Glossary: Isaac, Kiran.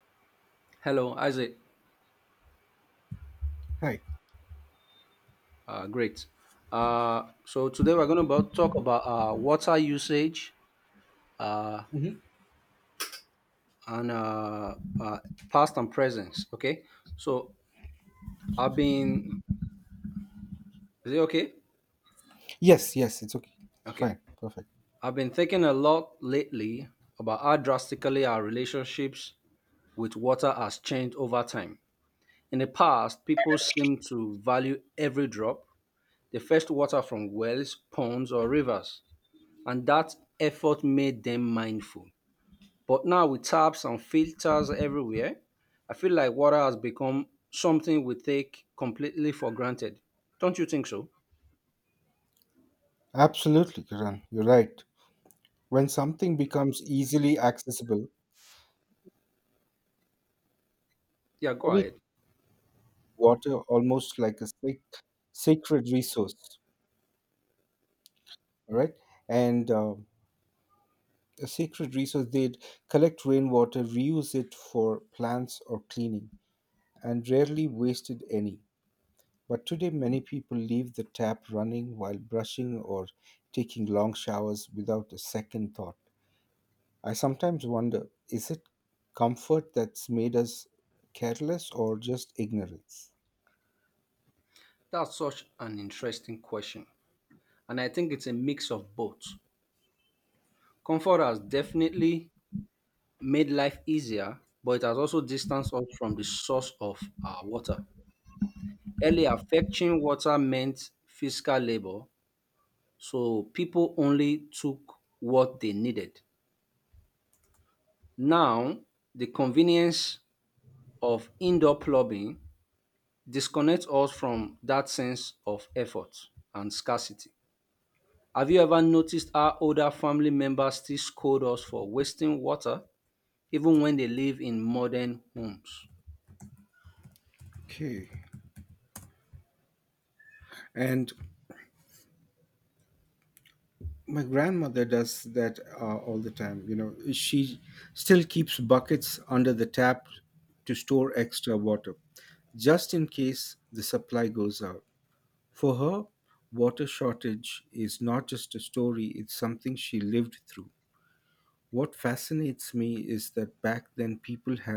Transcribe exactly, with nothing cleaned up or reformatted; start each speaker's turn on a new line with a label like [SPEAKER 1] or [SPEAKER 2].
[SPEAKER 1] Hello, Isaac.
[SPEAKER 2] Right.
[SPEAKER 1] Uh, great. Uh, so today we're going to about talk about uh, water usage uh,
[SPEAKER 2] Hmm.
[SPEAKER 1] and uh, uh, past and presence. Okay. So I've been. Is it okay?
[SPEAKER 2] Yes, yes, it's okay. It's
[SPEAKER 1] Okay.
[SPEAKER 2] fine. Perfect.
[SPEAKER 1] I've been thinking a lot lately about how drastically our relationships with water has changed over time. In the past, people seemed to value every drop. They fetched water from wells, ponds, or rivers, and that effort made them mindful. But now with taps and filters everywhere, I feel like water has become something we take completely for granted. Don't you think so?
[SPEAKER 2] Absolutely, Kiran. You're right. When something becomes easily accessible,
[SPEAKER 1] Yeah, go
[SPEAKER 2] only
[SPEAKER 1] ahead.
[SPEAKER 2] water almost like a sac- sacred resource, all right? And um a sacred resource, they'd collect rainwater, reuse it for plants or cleaning, and rarely wasted any. But today, many people leave the tap running while brushing or taking long showers without a second thought. I sometimes wonder, is it comfort that's made us careless or just ignorance?
[SPEAKER 1] That's such an interesting question. And I think it's a mix of both. Comfort has definitely made life easier, but it has also distanced us from the source of our water. Earlier, fetching water meant physical labor, so people only took what they needed. Now, the convenience of indoor plumbing disconnects us from that sense of effort and scarcity. Have you ever noticed how older family members still scold us for wasting water even when they live in modern homes?
[SPEAKER 2] Okay. And my grandmother does that uh, all the time. You know, she still keeps buckets under the tap to store extra water just in case the supply goes out. For her, water shortage is not just a story, it's something she lived through. What fascinates me is that back then people had